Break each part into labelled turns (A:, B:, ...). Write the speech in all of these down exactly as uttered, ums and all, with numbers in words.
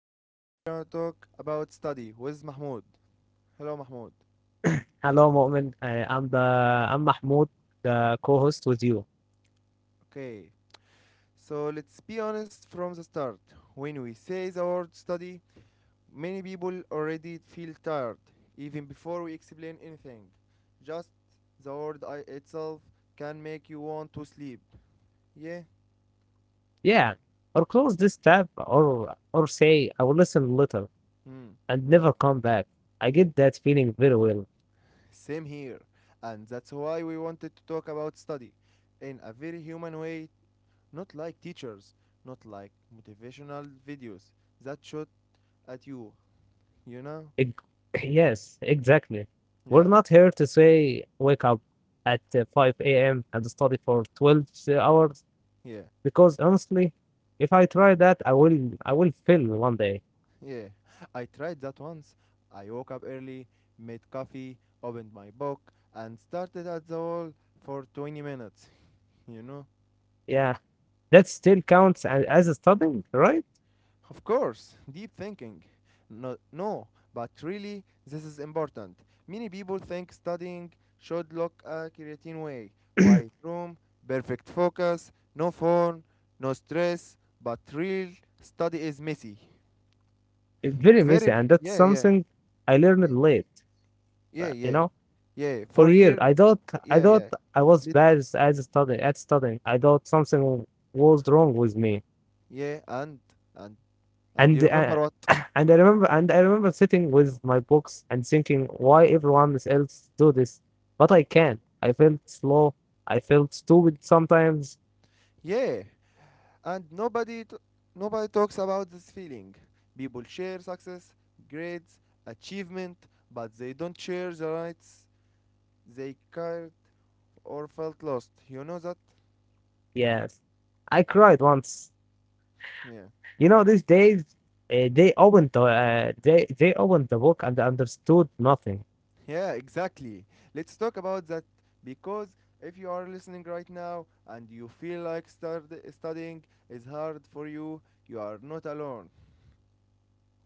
A: and today we're gonna talk about study with Mahmoud. Hello Mahmoud.
B: Hello, Mu'min. Uh, I'm the I'm Mahmoud, the co-host with you.
A: Okay, so let's be honest from the start. When we say the word study, many people already feel tired even before we explain anything. Just the word I itself can make you want to sleep. Yeah?
B: Yeah, or close this tab, or or say I will listen later
A: Hmm.
B: and
A: Hmm.
B: never come back. I
A: Yeah.
B: get that feeling very well.
A: Same here. And that's why we wanted to talk about study in a very human way. Not like teachers, not like motivational videos that shot at you, you know?
B: Ex- yes, exactly. We're
A: Yeah,
B: not here to say wake up at uh, five a m and study for twelve hours
A: yeah,
B: because honestly, if I try that, I will I will fail one day.
A: yeah. I tried that once. I woke up early, made coffee, opened my book, and started at the wall for twenty minutes, you know?
B: Yeah, that still counts a- as a studying, right?
A: Of course, deep thinking. No, no, but really, this is important. Many people think studying should look a creative way, quiet room, perfect focus, no phone, no stress, but real study is messy.
B: It's very messy,
A: Very,
B: and that's
A: yeah, yeah,
B: something I
A: yeah,
B: learned late.
A: yeah,
B: uh, You
A: yeah,
B: know,
A: yeah.
B: for
A: For
B: years
A: years,
B: I thought I
A: yeah,
B: thought
A: yeah,
B: I was
A: Lit-
B: bad as as a study at studying. I thought something was wrong with me,
A: yeah, and, and, and
B: and
A: you
B: uh,
A: remember what?
B: and I remember and I remember sitting with my books and thinking why everyone else do this, but I can't. I felt slow. I felt stupid sometimes.
A: Yeah, and nobody t- nobody talks about this feeling. People share success, grades, achievement, but they don't share the rights they carried or felt lost. You know that?
B: Yes, I cried once.
A: Yeah.
B: You know, these days uh, they opened the uh, they they opened the book and understood nothing.
A: Yeah, exactly. Let's talk about that because if you are listening right now and you feel like stud- studying is hard for you, you are not alone.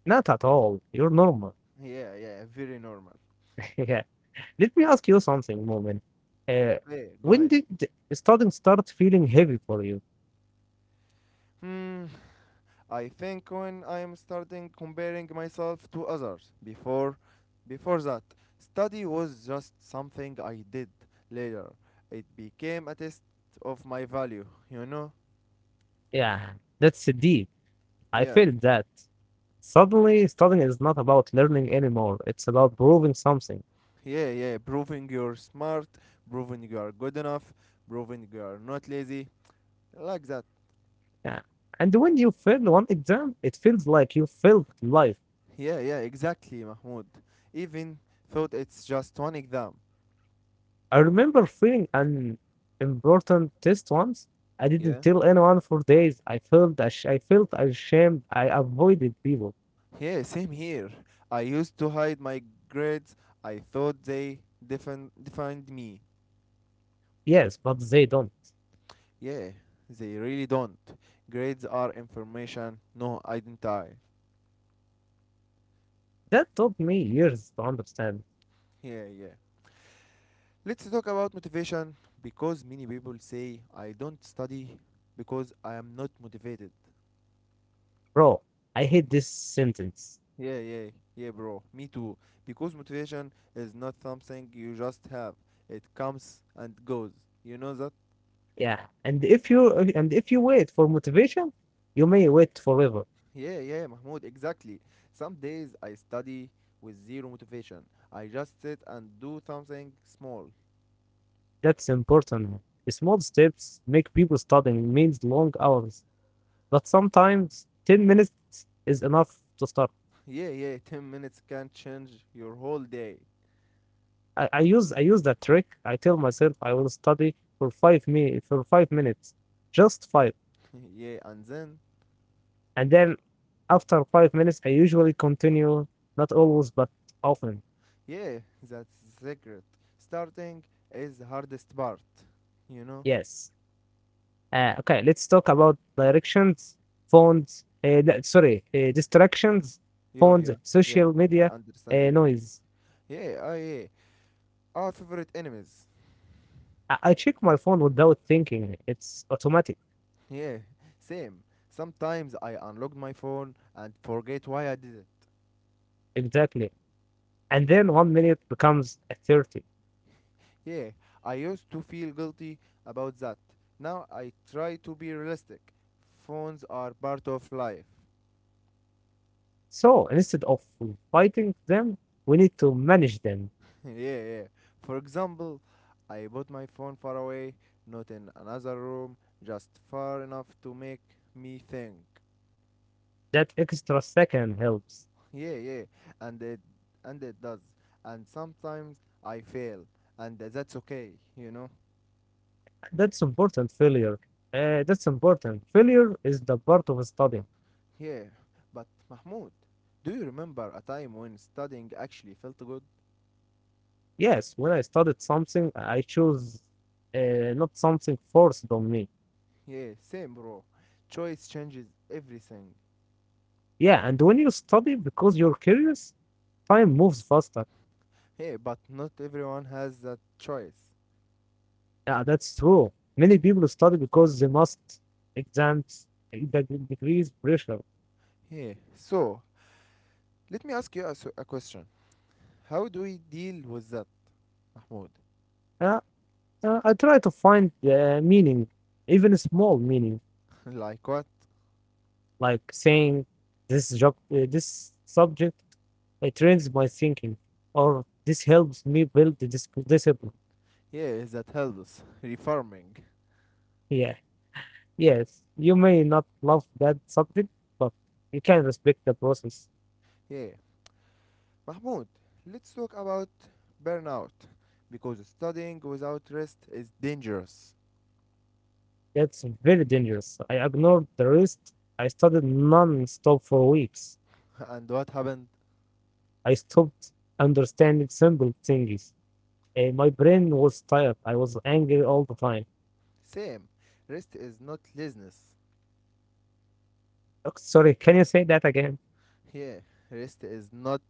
B: Not at all. You're normal.
A: Yeah, yeah, very normal.
B: Yeah. Let me ask you something, Moment. Uh,
A: Eh, go
B: when
A: ahead.
B: did the studying start feeling heavy for you?
A: Hmm, I think when I am starting comparing myself to others. Before, before that, study was just something I did later. It became a test of my value, you know?
B: Yeah, that's deep. I
A: Yeah,
B: feel that. Suddenly, studying is not about learning anymore. It's about proving something.
A: yeah, yeah. Proving you're smart, proving you are good enough, proving you are not lazy, like that.
B: Yeah. And when you fail one exam, it feels like you failed life.
A: Yeah, yeah, exactly, Mahmoud. Even thought it's just one exam.
B: I remember failing an important test once. I didn't
A: Yeah.
B: tell anyone for days. I felt ash- I felt ashamed. I avoided people.
A: Yeah, same here. I used to hide my grades. I thought they defin- defined me.
B: Yes, but they don't.
A: Yeah, they really don't. Grades are information, no identity.
B: That took me years to understand.
A: Yeah, yeah. Let's talk about motivation because many people say I don't study because I am not motivated.
B: Bro, I hate this sentence.
A: Yeah, yeah, yeah, bro. Me too. Because motivation is not something you just have. It comes and goes. You know that?
B: Yeah. And if you and if you wait for motivation, you may wait forever.
A: Yeah, yeah, Mahmoud, exactly. Some days I study with zero motivation. I just sit and do something small.
B: That's important. Small steps make people studying means long hours. But sometimes ten minutes is enough to start.
A: Yeah, yeah, ten minutes can change your whole day.
B: I, I use I use that trick. I tell myself I will study for five me for five minutes. Just five.
A: yeah, and then,
B: And then after five minutes I usually continue, not always but often.
A: yeah, that's the secret. Starting is the hardest part, you know?
B: Yes. Uh, okay, let's talk about directions, phones, uh, no, sorry, uh, distractions,
A: Yeah,
B: phones,
A: yeah, yeah,
B: social
A: I
B: media,
A: understand
B: uh,
A: you.
B: noise.
A: Yeah, oh, yeah, our favorite enemies.
B: I-, I check my phone without thinking. It's automatic.
A: Yeah, same. Sometimes I unlock my phone and forget why I did it.
B: Exactly. And then one minute becomes a thirty.
A: Yeah, I used to feel guilty about that. Now I try to be realistic. Phones are part of life.
B: So instead of fighting them, we need to manage them.
A: yeah, yeah. For example, I put my phone far away, not in another room, just far enough to make me think.
B: That extra second helps.
A: Yeah, yeah. And it and it does. And sometimes I fail, and that's okay, you know.
B: That's important failure. Uh, that's important. Failure is the part of study.
A: Yeah. But Mahmoud, do you remember a time when studying actually felt good?
B: Yes, when I studied something, I chose uh, not something forced on me.
A: Yeah, same, bro. Choice changes everything.
B: Yeah, and when you study because you're curious, time moves faster.
A: Yeah, but not everyone has that choice.
B: Yeah, that's true. Many people study because they must exams, eh, deg- degrees, pressure.
A: Yeah. So, let me ask you a, s- a question. How do we deal with that, Mahmoud?
B: Uh, uh, I try to find uh, meaning, even a small meaning,
A: like what?
B: like saying this job, uh, this subject, it trains my thinking, or this helps me build the dis- discipline.
A: Yeah, that helps us. Reforming.
B: Yeah. Yes, you may not love that subject, but you can respect the process.
A: Yeah. Mahmoud, let's talk about burnout. Because studying without rest is dangerous.
B: That's very dangerous. I ignored the rest. I studied non-stop for weeks.
A: and what happened?
B: I stopped understanding simple things. Eh, my brain was tired. I was angry all the time.
A: Same. Rest is not laziness.
B: Oh, sorry, can you say that again?
A: Yeah, rest is not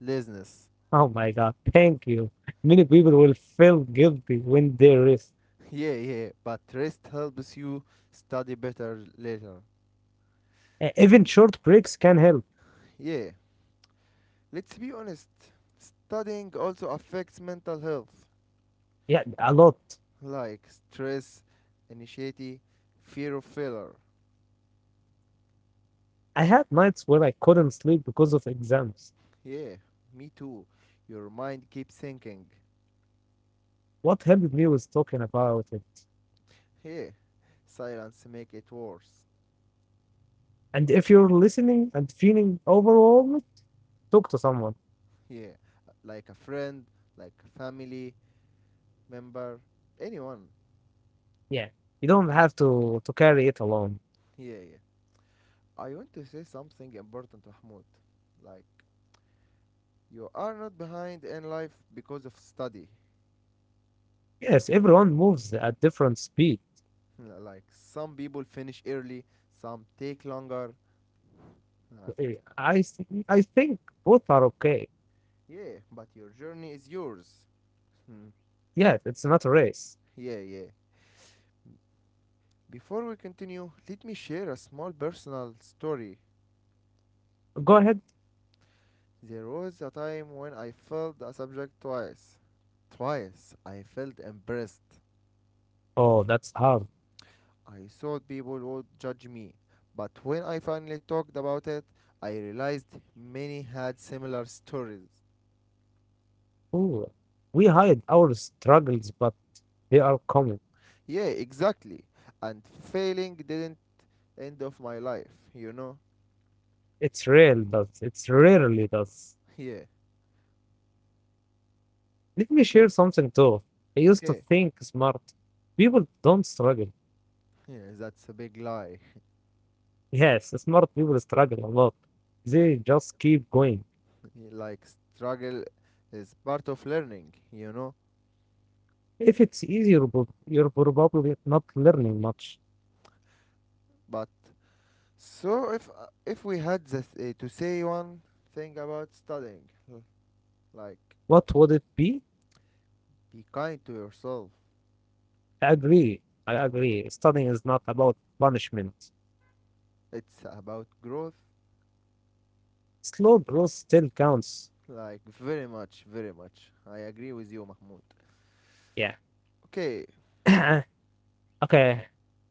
A: laziness.
B: Oh my God, thank you. Many people will feel guilty when they rest.
A: Yeah, yeah, but rest helps you study better later.
B: Eh, even short breaks can help.
A: Yeah, let's be honest. Studying also affects mental health,
B: Yeah, a lot.
A: like stress, anxiety, fear of failure.
B: I had nights where I couldn't sleep because of exams.
A: Yeah, me too. Your mind keeps thinking.
B: What helped me was talking about it.
A: Yeah, silence make it worse.
B: And
A: But
B: if you're listening and feeling overwhelmed, talk to someone.
A: yeah, like a friend, like a family member, anyone.
B: Yeah. You don't have to, to carry it alone.
A: Yeah, yeah. I want to say something important, Mahmoud. Like, you are not behind in life because of study.
B: Yes, everyone moves at different speed.
A: like some people finish early, some take longer. Uh,
B: Eh, I, th- I think both are okay.
A: yeah, but your journey is yours.
B: Yeah, it's not a race.
A: yeah, yeah. Before we continue, let me share a small personal story.
B: Go ahead.
A: There was a time when I failed a subject twice. Twice I felt embarrassed.
B: Oh, that's hard.
A: I thought people would judge me. But when I finally talked about it, I realized many had similar stories.
B: Ooh. We hide our struggles, but they are common.
A: Yeah, exactly. And failing didn't end of my life, you know?
B: It's real, does. It's rarely does.
A: Yeah,
B: Let me share
A: okay,
B: something too. I used to
A: okay.
B: think smart. People don't struggle.
A: Yeah, that's a big lie.
B: Yes, smart people struggle a lot. They just keep going.
A: like, struggle is part of learning, you know?
B: If it's easy, you're prob- you're probably not learning much.
A: But so if uh, if we had this, uh, to say one thing about studying, l- like
B: What would it be?
A: be kind to yourself.
B: I agree. I agree. Studying is not about punishment.
A: It's about growth,
B: Slow growth still counts.
A: like very much, very much. I agree with you, Mahmoud.
B: Yeah.
A: Okay.
B: Okay.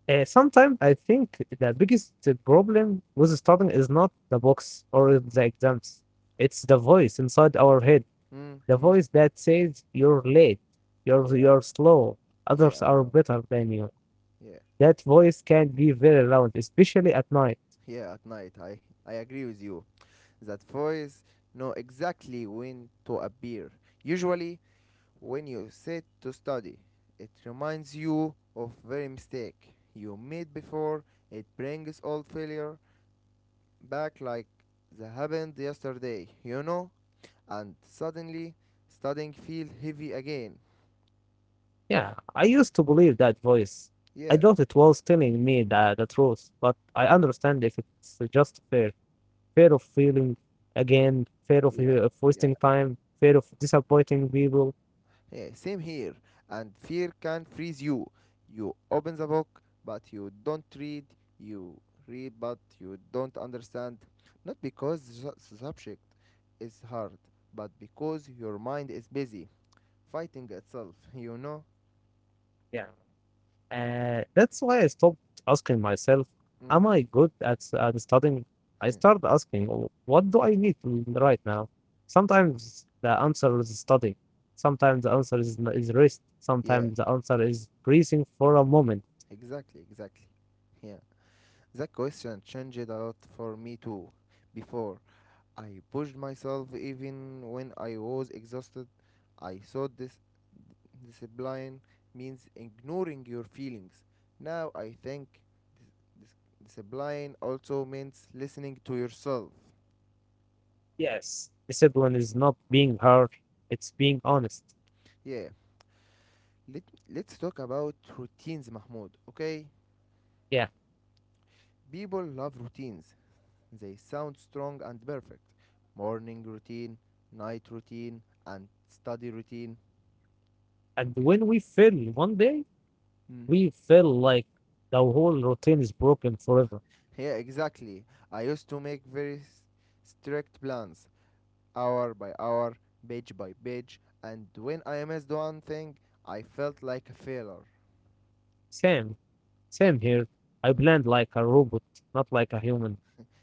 B: Uh, sometimes I think the biggest problem with studying is not the books or the exams. It's the voice inside our head.
A: Mm,
B: The
A: mm.
B: voice that says you're late, you're,
A: Yeah,
B: you're slow,
A: yeah,
B: others
A: I
B: are
A: know.
B: better than you.
A: Yeah.
B: That voice can be very loud, especially at night.
A: Yeah, at night. I, I agree with you. That voice know exactly when to appear. Usually, when you sit to study, it reminds you of very mistake you made before. It brings old failure back like that happened yesterday, you know? And suddenly, studying feel heavy again.
B: Yeah, I used to believe that voice. I
A: Yeah,
B: thought it was telling me the, the truth, but I understand if it's just fear. Fear of feeling again, fear of,
A: yeah,
B: of
A: yeah.
B: wasting time, fear of disappointing people.
A: Yeah, same here. And fear can freeze you. You open the book, but you don't read. You read, but you don't understand. Not because the su- the subject is hard, but because your mind is busy fighting itself, you know?
B: Yeah. Uh, that's why I stopped asking myself,
A: Mm.
B: am I good at, s- at studying? I started asking, "Oh, what do I need to right now?" Sometimes the answer is studying. Sometimes the answer is, n- is rest.
A: yeah,
B: Sometimes the answer is breathing for a moment.
A: exactly, exactly. Yeah. That question changed a lot for me too. Before, I pushed myself even when I was exhausted. I saw this. Discipline means ignoring your feelings. Now I think dis- discipline also means listening to yourself.
B: Yes, discipline is not being hard, it's being honest.
A: Yeah, let, let's talk about routines, Mahmoud, okay?
B: Yeah.
A: People love routines, they sound strong and perfect. Morning routine, night routine, and study routine.
B: And when we fail one day,
A: Mm.
B: we feel like the whole routine is broken forever.
A: Yeah, exactly. I used to make very s- strict plans. Hour by hour, page by page, and when I missed one thing, I felt like a failure.
B: Same, same here. I blend like a robot, not like a human.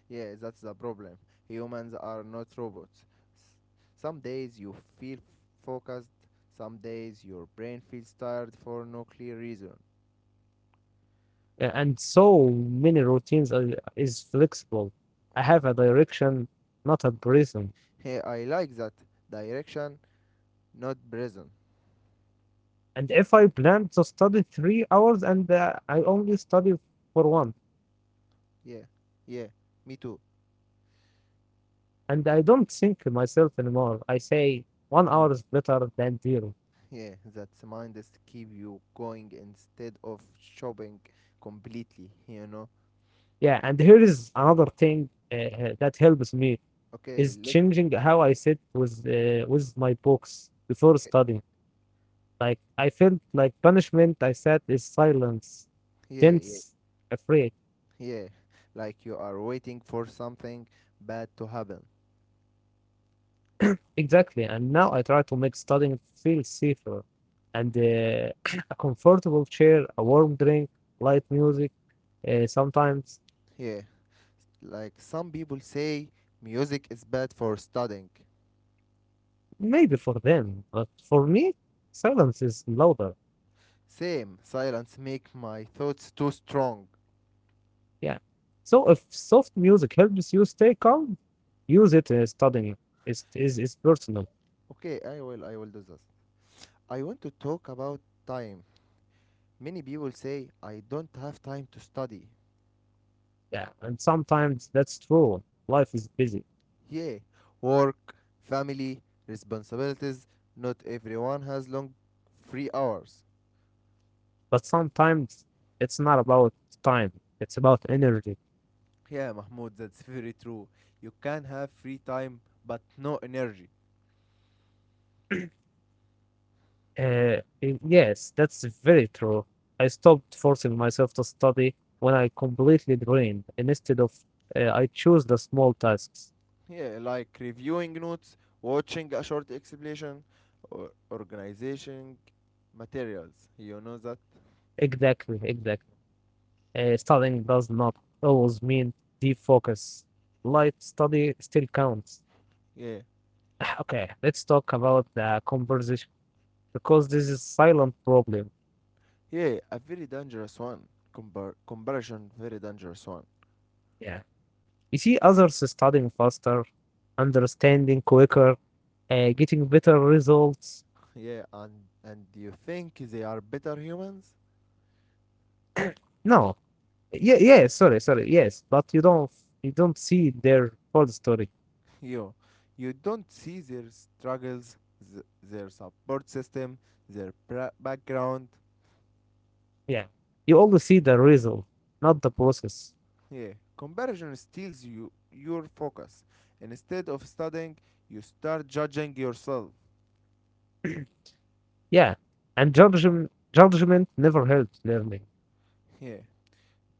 A: Yeah, that's the problem. Humans are not robots. S- Some days you feel focused, some days your brain feels tired for no clear reason.
B: Yeah, and so many routines are, is flexible. I have a direction, not a prison.
A: Hey, I like that. Direction, not present.
B: And if I plan to study three hours and uh, I only study for one,
A: Yeah, yeah, me too.
B: and I don't think myself anymore, I say one
A: Mm.
B: hour is better than zero.
A: Yeah, that's mind is to keep you going instead of shopping completely, you know.
B: Yeah, and here is another thing uh, that helps me
A: Okay,
B: is
A: let
B: changing how I sit with uh, with my books before
A: okay.
B: studying. Like I felt like punishment I sat is silence,
A: Yeah, yeah.
B: tense, afraid.
A: Yeah, like you are waiting for something bad to happen.
B: Exactly. And now I try to make studying feel safer and uh, a comfortable chair, a warm drink, light music, uh, sometimes
A: Yeah, like some people say music is bad for studying.
B: maybe for them, but for me, silence is louder.
A: Same, silence make my thoughts too strong.
B: Yeah. So if soft music helps you stay calm, use it uh, studying. It is is personal.
A: Okay, I will I will do this. I want to talk about time. Many people say I don't have time to study.
B: Yeah. And sometimes that's true. Life is busy,
A: Yeah, work, family, responsibilities. Not everyone has long free hours.
B: but sometimes it's not about time, it's about energy.
A: Yeah, Mahmoud, that's very true. You can have free time but no energy.
B: Uh, y- yes, that's very true. I stopped forcing myself to study when I completely drained, instead of uh, I choose the small tasks.
A: Yeah, like reviewing notes, watching a short explanation, or organizing materials. You know that?
B: Exactly, exactly. Uh, studying does not always mean deep focus. Light study still counts.
A: Yeah.
B: Okay, let's talk about the conversation because this is silent problem.
A: Yeah, a very dangerous one. Compar- comparison, very dangerous one.
B: Yeah, you see others studying faster, understanding quicker, uh, getting better results.
A: Yeah, and and you think they are better humans?
B: No, yeah, yeah. Sorry, sorry. Yes, but you don't you don't see their whole story.
A: Yo, you don't see their struggles, th- their support system, their pra- background.
B: Yeah, you only see the result, not the process.
A: Yeah, comparison steals you your focus. Instead of studying, you start judging yourself.
B: Yeah, and judgment judgment never helps learning.
A: Yeah.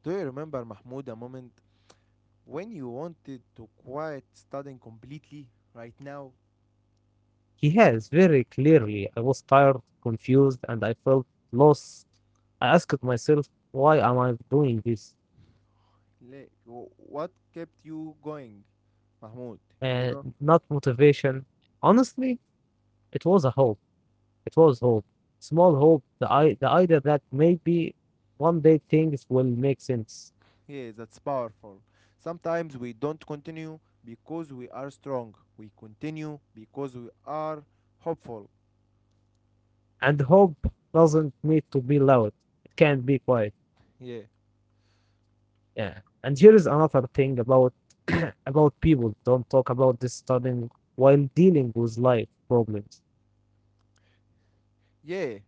A: Do you remember, Mahmoud, a moment when you wanted to quit studying completely right now?
B: He has very clearly. I was tired, confused, and I felt lost. I asked myself, why am I doing this?
A: Like, wh- what kept you going, Mahmoud? You
B: And
A: know?
B: not motivation. Honestly, it was a hope. It was hope. Small hope. The I the idea that maybe one day things will make sense.
A: Yeah, that's powerful. Sometimes we don't continue because we are strong. We continue because we are hopeful.
B: And hope doesn't need to be loud. It can be quiet.
A: Yeah.
B: Yeah, and here is another thing about about people don't talk about this, studying while dealing with life problems.
A: Yeah.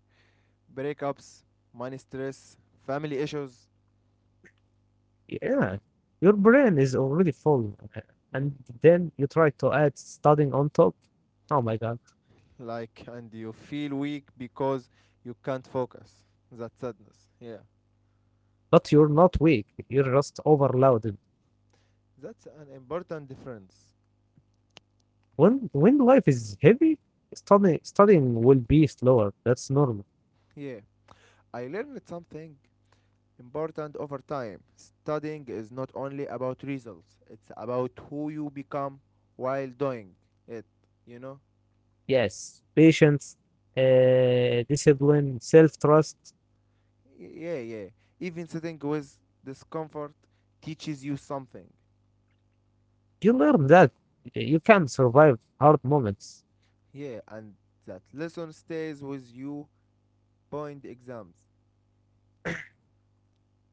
A: Breakups, money stress, family issues.
B: Yeah, your brain is already full, uh,
A: Mm.
B: and then you try to add studying on top. Oh my God.
A: Like and you feel weak because you can't focus that sadness, yeah,
B: But you're not weak, you're just overloaded.
A: that's an important difference.
B: When when life is heavy, studying studying will be slower. That's normal.
A: Yeah, I learned something important over time. Studying is not only about results, it's about who you become while doing it, you know
B: Yes, patience, uh, discipline, self-trust.
A: Y- yeah, yeah, even sitting with discomfort teaches you something.
B: You learn that you can survive hard moments.
A: Yeah, and that lesson stays with you, point exams.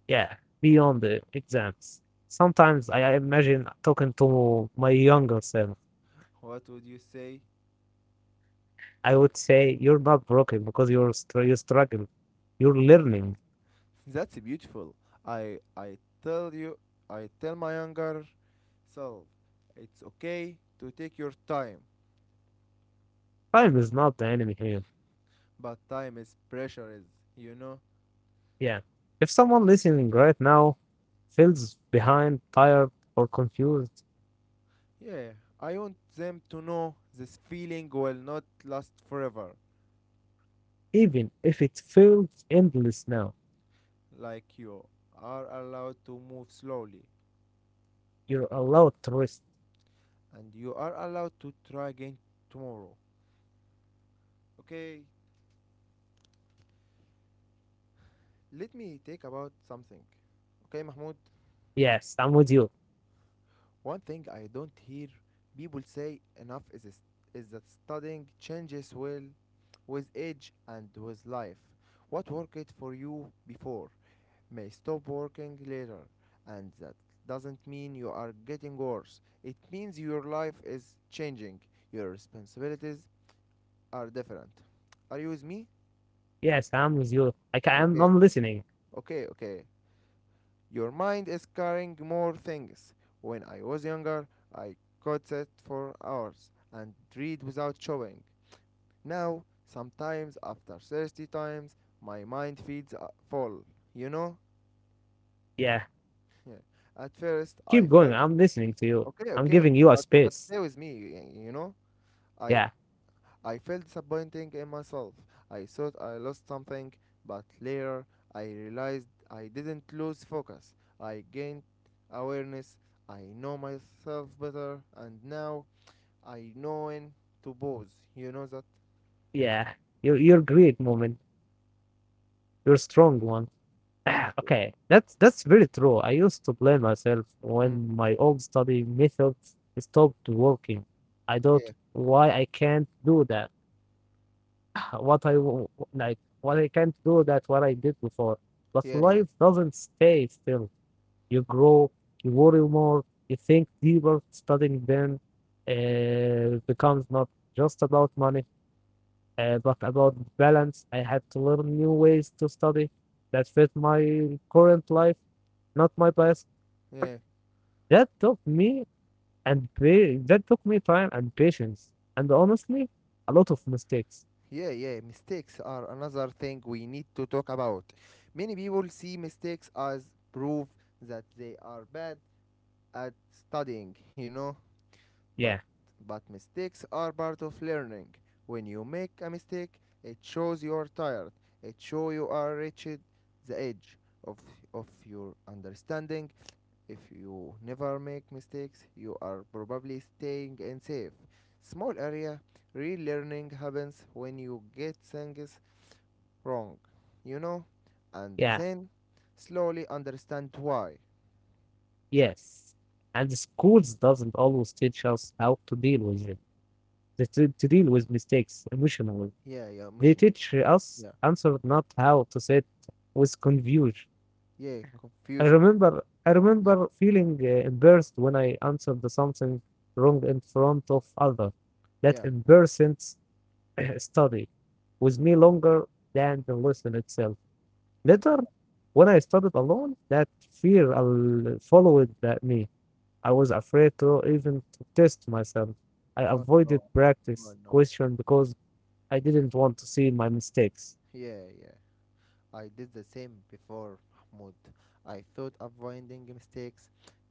B: Yeah, beyond the exams. Sometimes I imagine talking to my younger self.
A: What would you say?
B: I would say you're not broken because you're str- you struggle. You're learning.
A: That's beautiful. I I tell you, I tell my younger self, it's okay to take your time,
B: Time is not the enemy here.
A: but time is precious, you know.
B: Yeah. If someone listening right now feels behind, tired, or confused,
A: Yeah, I want them to know this feeling will not last forever.
B: even if it feels endless now,
A: Like, you are allowed to move slowly,
B: you're allowed to rest.
A: and you are allowed to try again tomorrow. Okay, let me take about something. Okay, Mahmoud.
B: Yes, I'm with you.
A: One thing I don't hear people say enough is is, is that studying changes well with age and with life. What worked for you before may stop working later, and that doesn't mean you are getting worse. It means your life is changing. Your responsibilities are different. Are you with me?
B: Yes, I'm with you. Like I'm,
A: Okay,
B: I'm listening.
A: okay, okay. Your mind is carrying more things. When I was younger, I could sit for hours and read without showing. Now, sometimes after thirty times, my mind feels uh, full, you know?
B: Yeah,
A: Yeah. At first, I
B: keep going.
A: felt
B: I'm listening to you.
A: okay,
B: I'm
A: okay,
B: giving you a
A: but, but
B: space.
A: stay with me, y- you know? I
B: Yeah,
A: I felt disappointing in myself. I thought I lost something, but later I realized I didn't lose focus. I gained awareness. I know myself better, and now I know when to pause. You know that?
B: yeah. You're, you're great, moment. You're a strong one. Okay, that's that's very true. I used to blame myself
A: Mm.
B: when my old study methods stopped working. I thought
A: Yeah,
B: why I can't do that. What I w- like, what I can't do that what I did before. But
A: yeah, yeah,
B: life doesn't stay still. You grow, you worry more, you think deeper. Studying then uh, becomes not just about money, uh, but about balance. I had to learn new ways to study that fit my current life, not my past.
A: yeah.
B: That took me and pa- that took me time and patience, and honestly, a lot of mistakes.
A: Yeah, yeah, mistakes are another thing we need to talk about. Many people see mistakes as proof that they are bad at studying, you know? But,
B: Yeah,
A: but mistakes are part of learning. When you make a mistake, it shows you are tired. It shows you are reached the edge of, of your understanding. If you never make mistakes, you are probably staying in safe. Small area, real learning happens when you get things wrong, you know, and
B: yeah,
A: then slowly understand why.
B: yes. And the schools doesn't always teach us how to deal with it, to, to to deal with mistakes emotionally.
A: Yeah, yeah,
B: They
A: mission.
B: teach us
A: Yeah,
B: answer not how to sit with confusion.
A: yeah,
B: I
A: confusion.
B: remember I
A: Yeah,
B: remember feeling uh, embarrassed when I answered the something wrong in front of others. That
A: yeah,
B: embarrassment study with me longer than the lesson itself. Later,
A: yeah.
B: when I studied alone, that fear al- followed that me. I was afraid to even to test myself. I
A: Oh
B: avoided
A: no, oh
B: practice
A: no.
B: question because I didn't want to see my mistakes.
A: Yeah, yeah. I did the same before, Mahmoud. I thought avoiding mistakes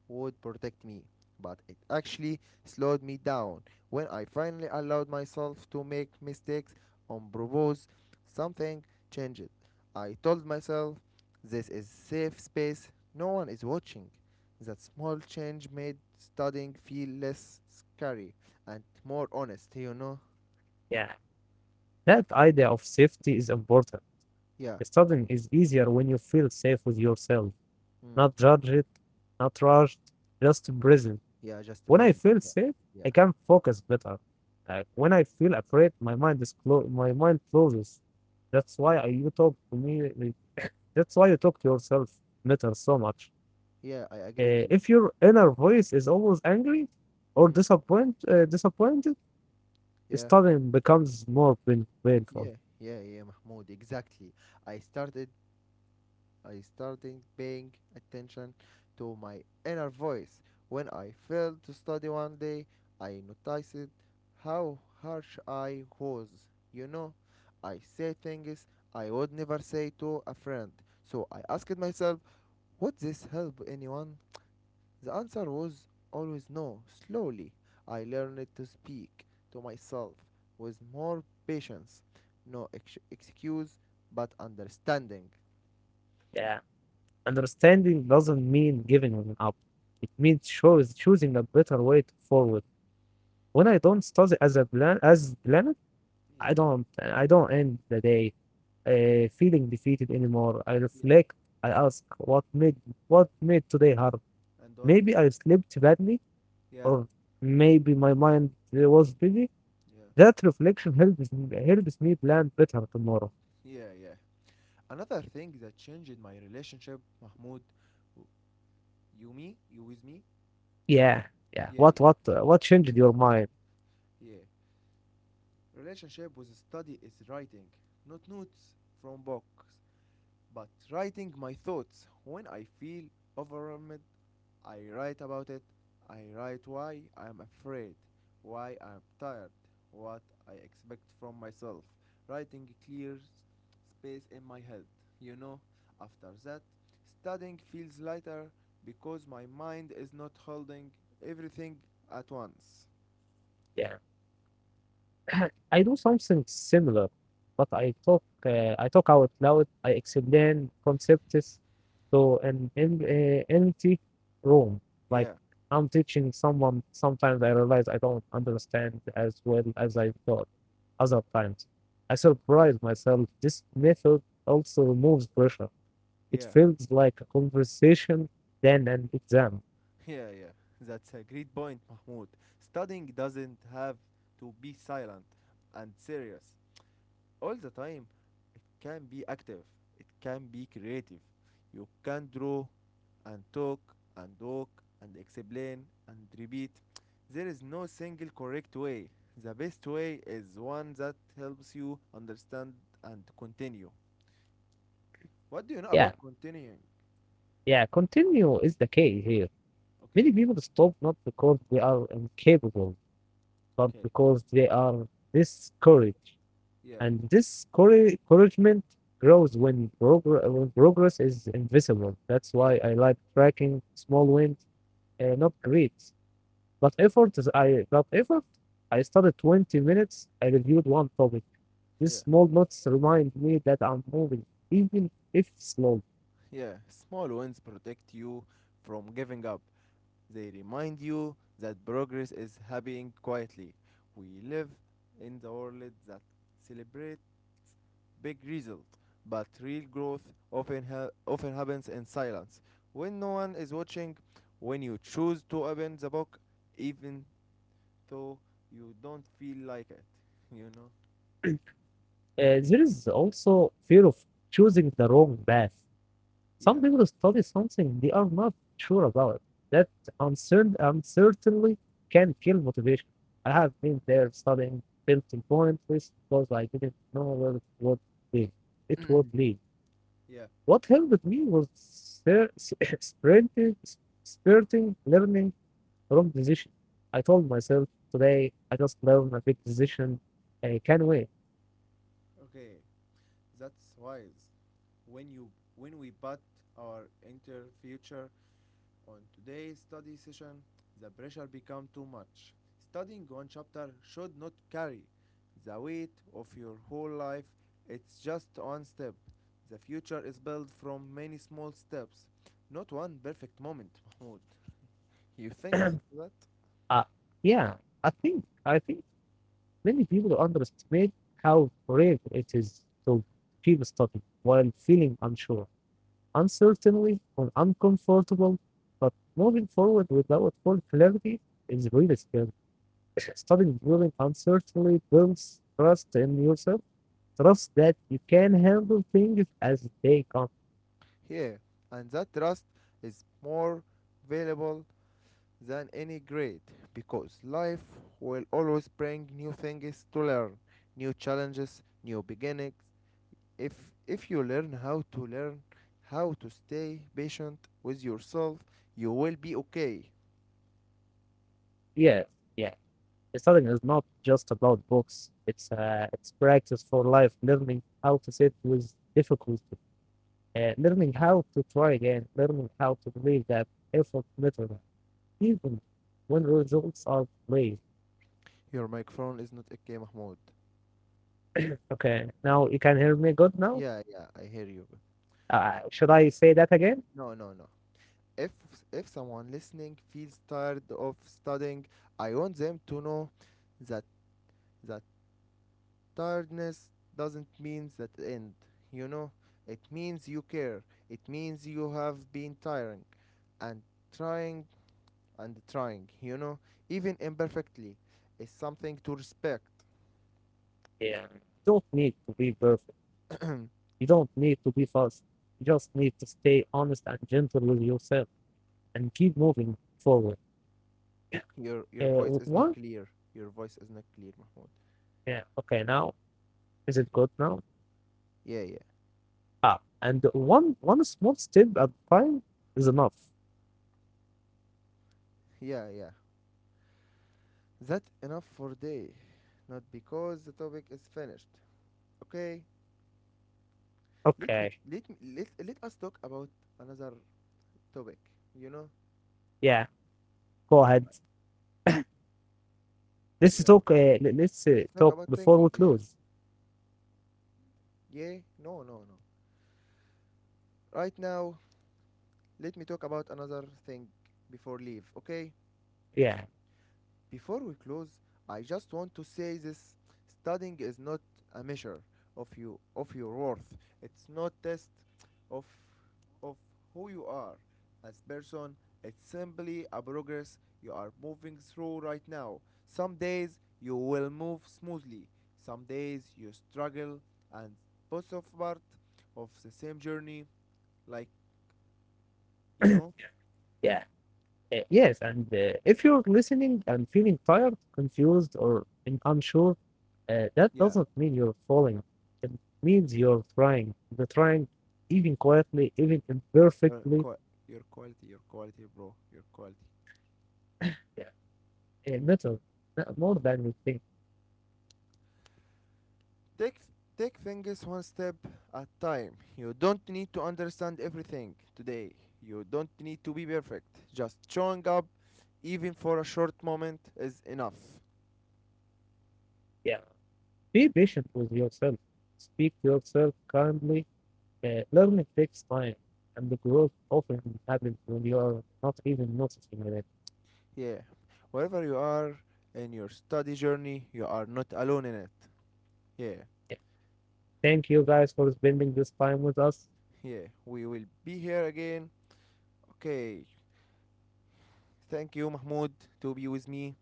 A: would protect me, but it actually slowed me down. When I finally allowed myself to make mistakes on purpose, something changed. I told myself, this is safe space, no one is watching. That small change made studying feel less scary and more honest, you know?
B: Yeah. That idea of safety is important.
A: Yeah.
B: Studying is easier when you feel safe with yourself,
A: Mm.
B: not judged, not rushed, just present.
A: Yeah, just
B: When I
A: present.
B: feel
A: Yeah,
B: safe,
A: yeah,
B: I can focus better. Uh, when I feel afraid, my mind is clo- my mind closes. That's why I, you talk to me. Like, that's why you talk to yourself matters so much.
A: yeah. I agree with
B: Uh,
A: you.
B: if your inner voice is always angry or
A: Mm,
B: disappoint, uh, disappointed,
A: yeah,
B: studying becomes more pain- painful.
A: yeah, yeah, yeah, Mahmoud. Exactly. I started, I started paying attention to my inner voice. When I failed to study one day, I noticed how harsh I was. You know, I say things I would never say to a friend. So I asked myself, would this help anyone? The answer was always no. Slowly, I learned to speak to myself with more patience. No ex- excuse, but understanding.
B: Yeah, understanding doesn't mean giving up. It means choose, choosing a better way to forward. When I don't study as a plan as planet, I
A: Yeah,
B: don't I don't end the day uh, feeling defeated anymore. I
A: yeah.
B: reflect. I ask what made what made today hard.
A: And what?
B: Maybe I slept badly,
A: Yeah,
B: or maybe my mind uh, was busy.
A: yeah,
B: That reflection helps helps me plan better tomorrow.
A: yeah, yeah. Another thing that changed my relationship, Mahmoud, w- you me, you with me?
B: Yeah, yeah.
A: Yeah,
B: What
A: yeah,
B: what uh, what changed your mind?
A: yeah. Relationship was study is writing, not notes from books. But writing my thoughts when I feel overwhelmed, I write about it. I write why I'm afraid, why I'm tired, what I expect from myself. Writing clears space in my head, you know. After that, studying feels lighter because my mind is not holding everything at once.
B: Yeah. I do something similar, but I talk uh, I talk out loud. I explain concepts to an em- uh, empty room. Like
A: Yeah,
B: I'm teaching someone. Sometimes I realize I don't understand as well as I thought. Other times, I surprise myself. This method also removes pressure. It
A: yeah.
B: feels like a conversation than an exam.
A: Yeah, yeah, that's a great point, Mahmoud. Studying doesn't have to be silent and serious all the time. It can be active, it can be creative. You can draw and talk and walk and explain and repeat. There is no single correct way. The best way is one that helps you understand and continue. What do you know
B: Yeah,
A: about continuing?
B: yeah. Continue is the key here. Many
A: Okay,
B: people stop not because they are incapable but
A: okay,
B: because they are this courage.
A: yeah,
B: And this courage, encouragement grows
A: yeah,
B: when, progr- when progress is invisible. That's why
A: yeah,
B: I like tracking small wins, uh, not grades. But effort is I but effort. I studied twenty minutes. I reviewed one topic. These
A: yeah.
B: small notes remind me that I'm moving, even if slow.
A: Yeah, small wins protect you from giving up. They remind you that progress is happening quietly. We live in the world that celebrates big results, but real growth often ha- often happens in silence. When no one is watching, when you choose to open the book, even though you don't feel like it, you know.
B: Uh, there is also fear of choosing the wrong path.
A: Yeah,
B: Some people study something they are not sure about. That uncertain uncertainly can kill motivation. I
A: yeah,
B: have been there studying building pointless because I didn't know where it would lead. It would lead.
A: yeah.
B: What helped me was ser- sprinting, sprinting, learning wrong decision. I told myself today I just learned a big decision. I can wait.
A: Okay, that's wise. when you when we put our entire future on today's study session, the pressure becomes too much. Studying one chapter should not carry the weight of your whole life. It's just one step. The future is built from many small steps, not one perfect moment, Mahmoud. You think that?
B: uh, yeah, I think I think many people underestimate how brave it is to keep studying while feeling unsure, uncertainly, or uncomfortable. But moving forward without full clarity is really scary. Studying during uncertainty builds trust in yourself, trust that you can handle things as they come.
A: Yeah, and that trust is more valuable than any grade because life will always bring new things to learn, new challenges, new beginnings. If if you learn how to learn how to stay patient with yourself, you will be okay.
B: Yes, yeah. Studying is not just about books. It's uh, it's practice for life, learning how to sit with difficulty, and learning how to try again, learning how to believe that effort matters, even when results are delayed.
A: Your microphone is not okay, Mahmoud.
B: Okay, now you can hear me good now?
A: Yeah, yeah, I hear you.
B: Uh, should I say that again?
A: No, no, no. If if someone listening feels tired of studying, I want them to know that that tiredness doesn't mean that end, you know? It means you care. It means you have been tiring and trying and trying, you know? Even imperfectly is something to respect.
B: Yeah. You don't need to be perfect. You don't need to be fast. You just need to stay honest and gentle with yourself and keep moving forward. Yeah.
A: Your your
B: Uh,
A: voice is not
B: one?
A: clear. Your voice is not clear, Mahmoud.
B: Yeah. Okay, now is it good now?
A: Yeah, yeah.
B: Ah, and one one small step at a time is enough.
A: Yeah, yeah. That enough for day. Not because the topic is finished. Okay? Let me
B: Okay.
A: let me let, let us talk about another topic, you know?
B: Yeah. Go ahead. Let's
A: Yeah.
B: talk. Uh, le- let's uh,
A: Let's talk
B: talk
A: about
B: before we
A: thinking, yeah.
B: close.
A: Yeah, no, no, no. Right now, let me talk about another thing before leave, okay?
B: Yeah,
A: Before we close, I just want to say this studying is not a measure of you of your worth. It's not test of of who you are as person. It's simply a progress you are moving through right now. Some days you will move smoothly. Some days you struggle and both of part of the same journey like you know.
B: yeah, uh, yes. And uh, if you're listening and feeling tired, confused, or un- unsure, uh, that
A: Yeah,
B: doesn't mean you're falling. It means you're trying. You're trying, even quietly, even
A: your
B: imperfectly.
A: qua your quality, your quality, bro, your quality.
B: Yeah, it matters not more than you think.
A: Take th- Take things one step at time. You don't need to understand everything today. You don't need to be perfect. Just showing up, even for a short moment, is enough.
B: Yeah, be patient with yourself. Speak to yourself kindly. Uh, learning takes time, and the growth often happens when you are not even noticing
A: Yeah, wherever you are in your study journey, you are not alone in it. Yeah,
B: it. Thank you guys for spending this time with us.
A: yeah, we will be here again. Okay, thank you, Mahmoud, to be with me.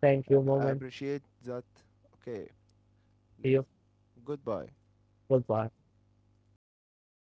B: Thank you,
A: I
B: mom
A: I
B: and
A: appreciate that. Okay,
B: you.
A: let's goodbye.
B: Goodbye.